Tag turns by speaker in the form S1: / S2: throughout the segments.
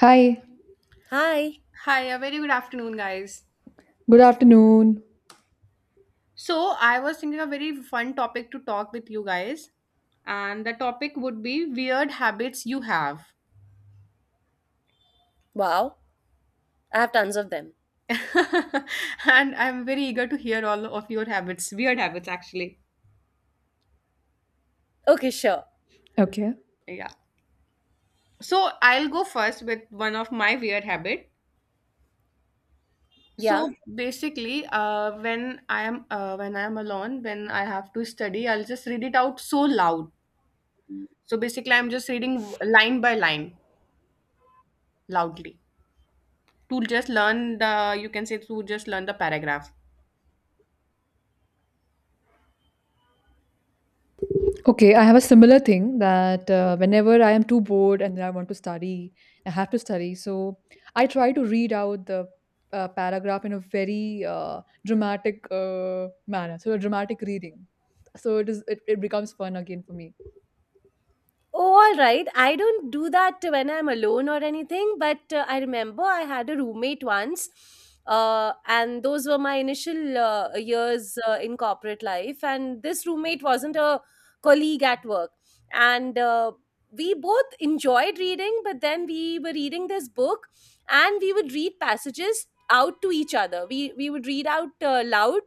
S1: Hi,
S2: Hi.
S3: Hi, a very good afternoon, guys.
S1: good afternoon.
S3: So, I was thinking a very fun topic to talk with you guys, and the topic would be weird habits you have.
S2: Wow. I have tons of them.
S3: And I'm very eager to hear all of your habits, weird habits actually.
S2: Okay, sure.
S1: Okay.
S3: Yeah. So, I'll go first with one of my weird habit.
S2: Yeah.
S3: So, basically, when I am alone, when I have to study, I'll just read it out so loud. So, basically, I'm just reading line by line loudly to just learn the you can say to just learn the paragraph.
S1: Okay, I have a similar thing that whenever I am too bored and then I want to study, I have to study. So I try to read out the paragraph in a very dramatic manner. So a dramatic reading. So it becomes fun again for me.
S2: Oh, all right. I don't do that when I'm alone or anything, but I remember I had a roommate once. And those were my initial years in corporate life. And this roommate wasn't a colleague at work. And we both enjoyed reading, but then we were reading this book and we would read passages out to each other. We would read out loud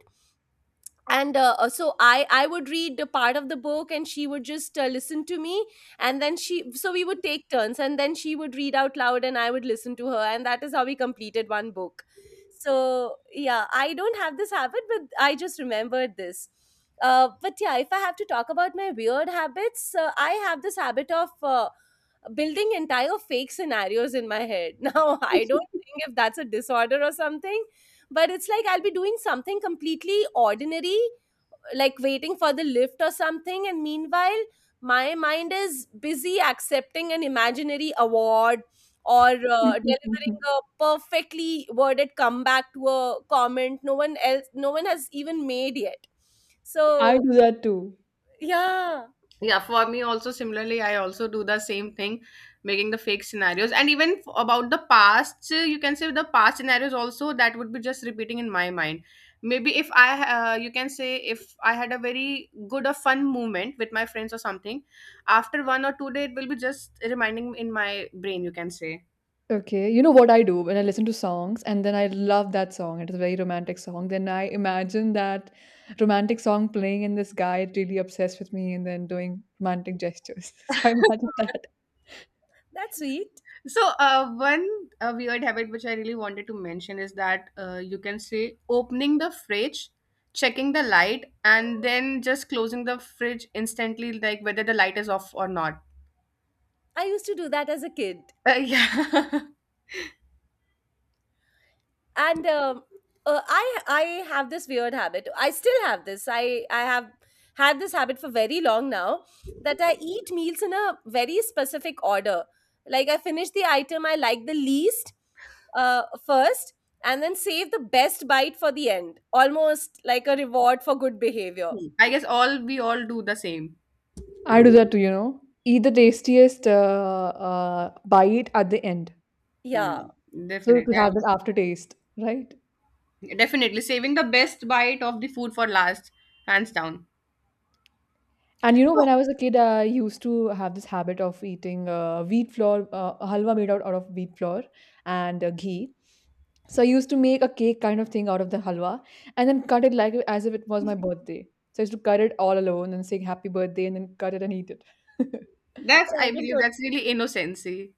S2: and so I would read a part of the book, and she would just listen to me. And then she so we would take turns, and then she would read out loud and I would listen to her. And that is how we completed one book. So yeah, I don't have this habit, but I just remembered this. But yeah, if I have to talk about my weird habits, I have this habit of building entire fake scenarios in my head. Now I don't think if that's a disorder or something, but it's like I'll be doing something completely ordinary, like waiting for the lift or something, and meanwhile, my mind is busy accepting an imaginary award or delivering a perfectly worded comeback to a comment no one has even made yet.
S1: I
S2: So,
S1: do that too.
S2: yeah,
S3: Yeah, for me also, similarly, I also do the same thing, making the fake scenarios, and even about the past, you can say the past scenarios also, that would be just repeating in my mind. Maybe if I you can say if I had a very good or fun moment with my friends or something, after 1 or 2 day it will be just reminding in my brain, you can say.
S1: Okay, you know what I do when I listen to songs and then I love that song. It is a very romantic song. Then I imagine that romantic song playing and this guy really obsessed with me and then doing romantic gestures. So I imagine that.
S2: that's sweet.
S3: So, one weird habit which I really wanted to mention is that, you can say opening the fridge, checking the light, and then just closing the fridge instantly, like whether the light is off or not.
S2: I used to do that as a kid.
S3: Yeah.
S2: And I have this weird habit. I still have had this habit for very long now. That I eat meals in a very specific order. Like I finish the item I like the least, first, and then save the best bite for the end, almost like a reward for good behavior.
S3: Hmm. I guess all we all do the same.
S1: I do that too, you know. Eat the tastiest bite at the end.
S2: Yeah.
S3: Hmm.
S1: So
S3: Definitely,
S1: to have that aftertaste, right?
S3: definitely saving the best bite of the food for last, hands down.
S1: And you know,
S3: So
S1: when I was a kid, I used to have this habit of eating wheat flour, halwa made out of wheat flour and ghee. So I used to make a cake kind of thing out of the halwa and then cut it like as if it was my birthday. So I used to cut it all alone and say happy birthday and then cut it and eat it.
S3: that's,
S2: Oh,
S3: I believe that's really innocency.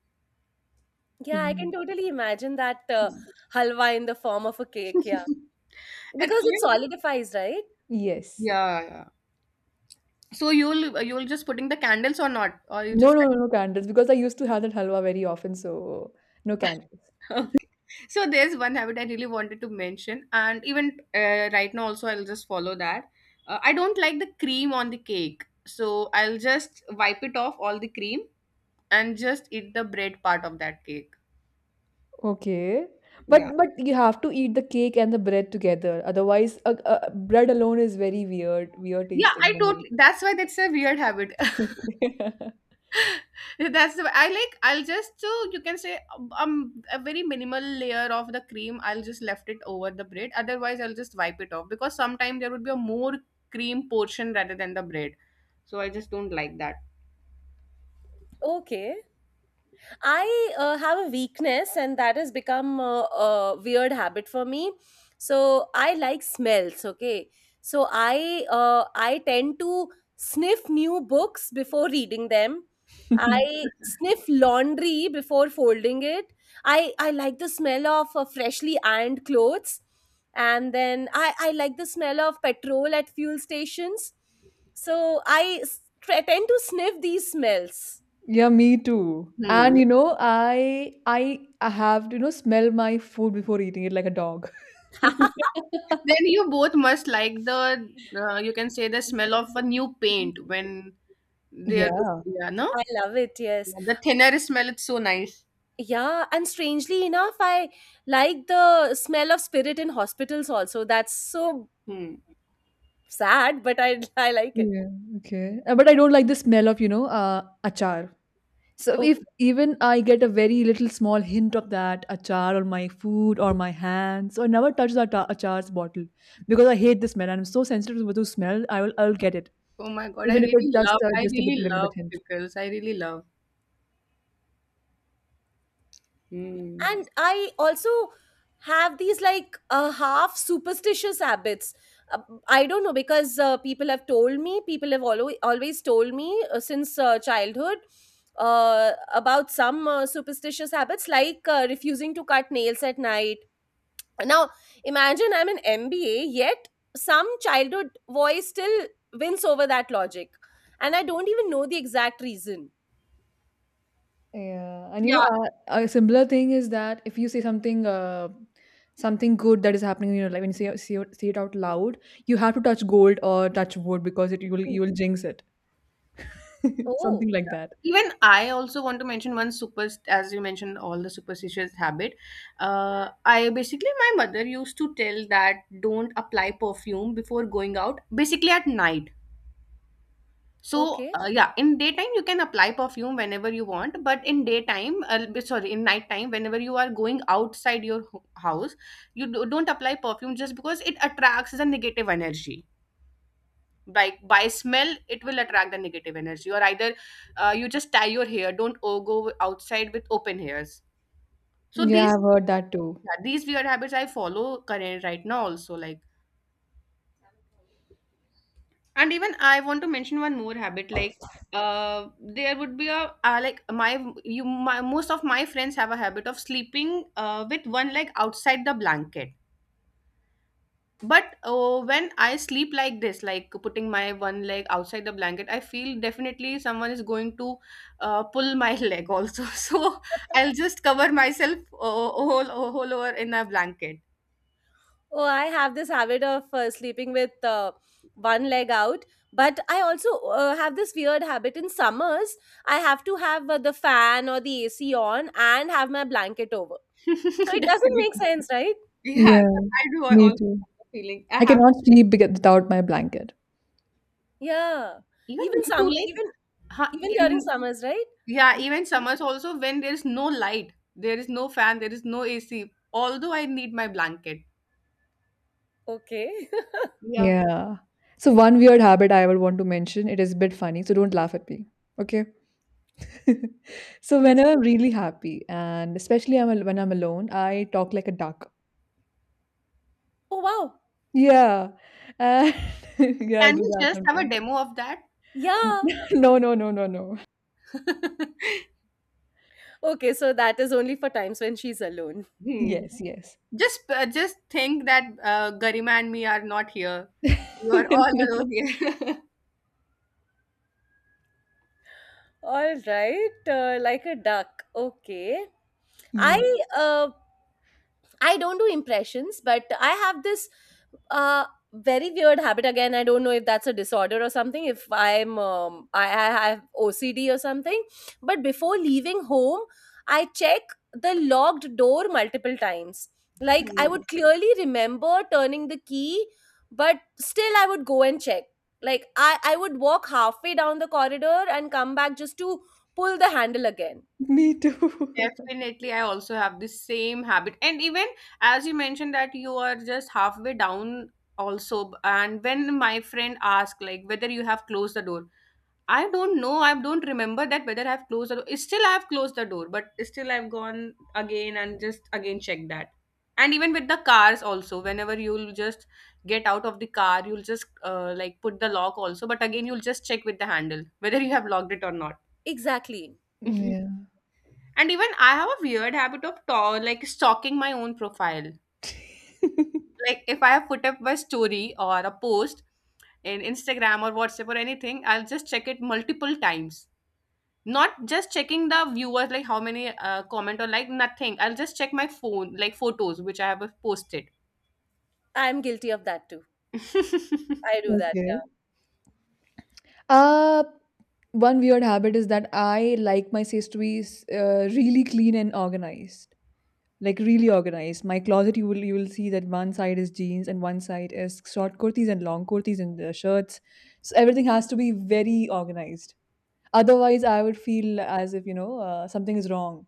S2: yeah, I
S1: Mm.
S2: can totally imagine that,
S3: Hmm.
S2: halwa in the form of a cake. Yeah,
S3: And
S2: because it
S3: even-
S2: solidifies, right?
S1: Yes.
S3: yeah, yeah. So you'll just putting the candles or not, or you
S1: No,
S3: just.
S1: no, no, no candles because I used to have that halwa very often, so no candles.
S3: Okay. So there's one habit I really wanted to mention, and even, right now also I'll just follow that. I don't like the cream on the cake, so I'll just wipe it off all the cream and just eat the bread part of that cake.
S1: Okay.
S3: Yeah.
S1: But you have to eat the cake and the bread together. Otherwise, bread alone is very weird
S3: Yeah,
S1: tasting
S3: I
S1: for me.
S3: totally. That's why that's a weird habit. That's the way I like. I'll just, so you can say, a very minimal layer of the cream, I'll just left it over the bread. Otherwise, I'll just wipe it off, because sometimes there would be a more cream portion rather than the bread. So I just don't like that.
S2: Okay. I have a weakness, and that has become a weird habit for me. So I like smells. Okay, so I, I tend to sniff new books before reading them. I sniff laundry before folding it. I like the smell of freshly ironed clothes, and then I like the smell of petrol at fuel stations. So I tend to sniff these smells.
S1: Yeah, me too. And
S3: Hmm.
S1: you know, I have to, you know, smell my food before eating it like a dog.
S3: Then you both must like the, you can say the smell of a new paint when they are,
S1: Yeah.
S3: yeah, no.
S2: I love it, yes.
S3: Yeah, the thinner smell. It's so nice.
S2: Yeah, and strangely enough, I like the smell of spirit in hospitals also. That's so
S3: Hmm.
S2: sad, but I I like it.
S1: Yeah. Okay. But I don't like the smell of, you know, achar. So if
S2: Okay.
S1: even I get a very little small hint of that achar on my food or my hands, so I never touch the achar's bottle because I hate the smell. I'm so sensitive to the smell. I'll get it
S3: Oh my god! I
S1: even if it's
S3: really love. I
S1: just a bit,
S3: really
S1: little
S3: love
S1: bit hint.
S3: pickles. I really love. Hmm.
S2: And I also have these like half superstitious habits. Uh, I don't know because people have told me, people have always told me, since childhood, uh, about some superstitious habits, like refusing to cut nails at night. Now, imagine I'm an MBA, yet some childhood voice still wins over that logic. And I don't even know the exact reason.
S1: Yeah, and you
S3: Yeah,
S1: know, a similar thing is that if you say something, something good that is happening in your life, when you say it out loud, you have to touch gold or touch wood because it you will jinx it, something
S2: Oh,
S1: like that.
S3: even I also want to mention one super, as you mentioned all the superstitious habit. I basically, my mother used to tell that don't apply perfume before going out, basically at night. So,
S2: okay.
S3: yeah, in daytime you can apply perfume whenever you want, but in daytime, sorry, in nighttime, whenever you are going outside your house, you don't apply perfume just because it attracts the negative energy. By smell it will attract the negative energy. Or either, you just tie your hair, don't go outside with open hairs. So
S1: Yeah,
S3: these,
S1: I've heard that too.
S3: yeah, these weird habits I follow current right now also, like. And even I want to mention one more habit. Like, uh, there would be a, like my you my most of my friends have a habit of sleeping with one leg outside the blanket. But, when I sleep like this, like putting my one leg outside the blanket, I feel definitely someone is going to, pull my leg also. So I'll just cover myself, whole over in a blanket.
S2: Oh, I have this habit of sleeping with one leg out, but I also have this weird habit in summers. I have to have the fan or the AC on and have my blanket over. So it doesn't make
S3: Definitely.
S2: sense, right?
S3: Yeah,
S1: Yeah,
S3: but I do, I
S1: me
S3: also
S1: too.
S3: have the feeling. I
S1: I
S3: have,
S1: cannot sleep without my blanket.
S2: Yeah.
S3: even me too, like,
S2: Even
S3: huh,
S2: even during
S3: in,
S2: summers, right?
S3: yeah, even summers also when there is no light, there is no fan, there is no AC, although I need my blanket.
S2: Okay.
S3: Yeah.
S1: Yeah. So one weird habit I would want to mention, it is a bit funny, so don't laugh at me. Okay. So
S2: Just
S1: whenever I'm
S2: kidding.
S1: really happy and especially when I'm alone, I talk like a duck.
S2: Oh wow.
S1: Yeah, and yeah, I
S3: Can
S1: do
S3: we
S1: that
S3: just have a
S1: sometimes.
S3: demo of that?
S2: Yeah.
S1: No, no, no, no, no.
S2: Okay, so that is only for times when she's alone.
S3: Hmm.
S1: Yes, yes.
S3: Just, just think that, Garima and me are not here. You are all alone
S1: No.
S3: here.
S2: All right. Like a duck. Okay.
S1: Yeah,
S2: I uh, I don't do impressions, but I have this uh, very weird habit. Again, I don't know if that's a disorder or something. If I have OCD or something, but before leaving home, I check the locked door multiple times. Like I
S3: Hmm.
S2: would clearly remember turning the key, but still I would go and check. Like I would walk halfway down the corridor and come back just to pull the handle again.
S1: me too.
S3: Definitely, I also have the same habit. And even, as you mentioned that you are just halfway down also, and when my friend asked like whether you have closed the door, I don't know. I don't remember that whether I've closed the door. Still, I've closed the door, but still, I've gone again and just again checked that. And even with the cars also, whenever you'll just get out of the car, you'll just, like put the lock also, but again, you'll just check with the handle whether you have locked it or not.
S2: Exactly.
S3: And
S1: Yeah.
S3: even I have a weird habit of like stalking my own profile. Like if I have put up my story or a post in Instagram or WhatsApp or anything, I'll just check it multiple times, not just checking the viewers, like how many, comment or like nothing. I'll just check my phone, like photos which I have posted.
S2: I'm guilty of that too. I do that,
S1: Okay.
S2: yeah.
S1: Uh, one weird habit is that I like my space to be really clean and organized. Like really organized. My closet, you will see that one side is jeans and one side is short kurtis and long kurtis and shirts. So everything has to be very organized. Otherwise, I would feel as if you know something is wrong.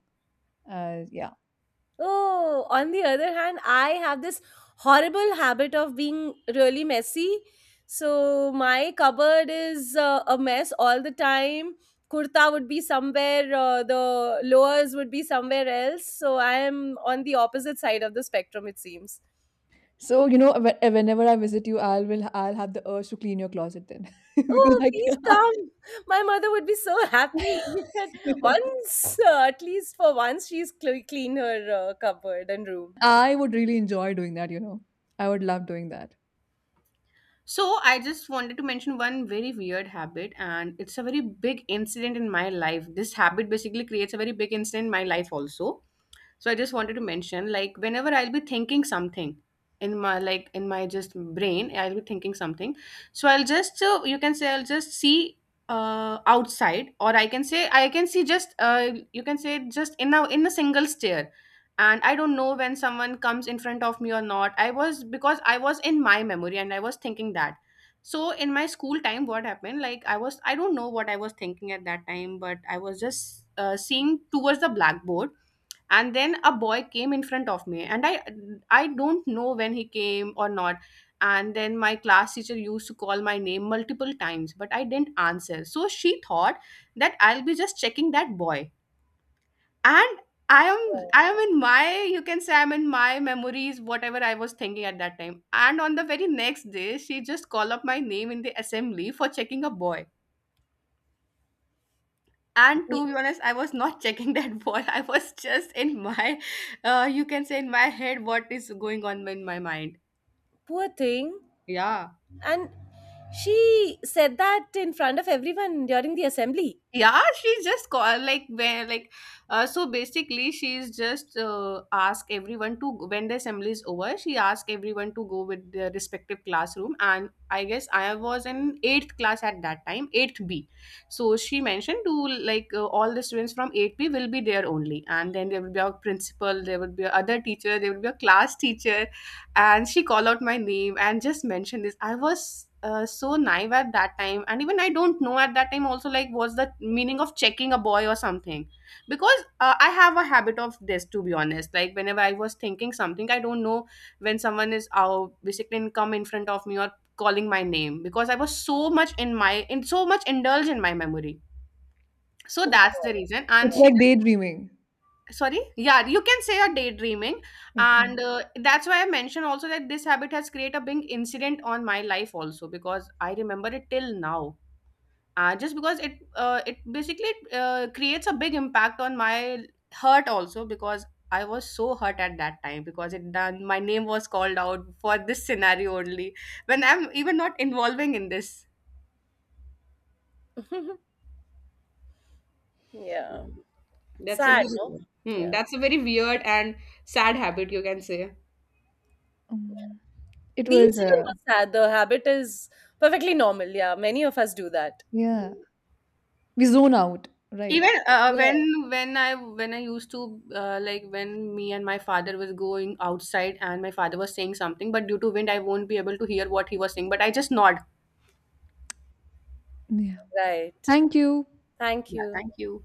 S1: Yeah.
S2: Oh, on the other hand, I have this horrible habit of being really messy. So my cupboard is a mess all the time. Kurta would be somewhere, the lowers would be somewhere else. So I am on the opposite side of the spectrum, it seems.
S1: So you know, whenever I visit you, I will I'll have the urge to clean your closet then, because
S2: Oh,
S1: I
S2: please
S1: can-
S2: come. My mother would be so happy that once, at least for once, she's clean her cupboard and room.
S1: I would really enjoy doing that. You know, I would love doing that.
S3: So I just wanted to mention one very weird habit, and it's a very big incident in my life. This habit basically creates a very big incident in my life also. So I just wanted to mention, like, whenever I'll be thinking something, in my like in my just brain I'll be thinking something. So I'll just, you can say I'll just see, outside, or I can say I can see just, you can say just in a single stare. And I don't know when someone comes in front of me or not, I was, because I was in my memory and I was thinking that. So in my school time what happened, like, I don't know what I was thinking at that time, but I was just, seeing towards the blackboard. And then a boy came in front of me and i don't know when he came or not. And then my class teacher used to call my name multiple times but I didn't answer, so she thought that I'll be just checking that boy. And
S2: Yeah.
S3: I am in my, you can say I'm in my memories whatever I was thinking at that time. And on the very next day she just called up my name in the assembly for checking a boy. And to be honest, I was not checking that ball. I was just in my, you can say in my head what is going on in my mind.
S2: Poor thing.
S3: Yeah.
S2: And she said that in front of everyone during the assembly.
S3: Yeah, she just call, like, where, like, so basically she's just, ask everyone to, when the assembly is over, she asked everyone to go with their respective classroom. And I guess I was in eighth class at that time, eighth B. So she mentioned to, like, all the students from eighth B will be there only, and then there will be a principal, there will be a other teacher, there will be a class teacher. And she called out my name and just mentioned this. I was, so naive at that time, and even I don't know at that time also, like, what's the meaning of checking a boy or something. Because, I have a habit of this, to be honest, like, whenever I was thinking something, I don't know when someone is come in front of me or calling my name, because I was so much in my, in so much indulged in my memory. So
S2: Oh
S3: that's the
S2: God,
S3: reason. And
S1: It's
S3: she,
S1: like daydreaming.
S3: sorry, yeah, you can say a daydreaming. And,
S1: Okay.
S3: that's why I mentioned also that this habit has created a big incident on my life also, because I remember it till now. Uh, just because it, it basically, creates a big impact on my hurt also, because I was so hurt at that time because it done my name was called out for this scenario only, when I'm even not involving in this.
S2: yeah. Yeah.
S3: That's a
S2: Sad, no?
S3: very, hmm,
S2: Yeah.
S3: that's a very weird and sad habit, you can say.
S1: Um, it
S2: The
S1: was
S2: incident was sad. The habit is perfectly normal. Yeah. Many of us do that.
S1: yeah. We zone out,
S3: Even,
S1: right?
S2: Yeah.
S3: when when I used to, like when me and my father was going outside, and my father was saying something, but due to wind I won't be able to hear what he was saying. But I just nod.
S1: Yeah.
S2: Right.
S1: Thank you.
S2: Thank
S3: Yeah,
S2: you.
S3: thank you.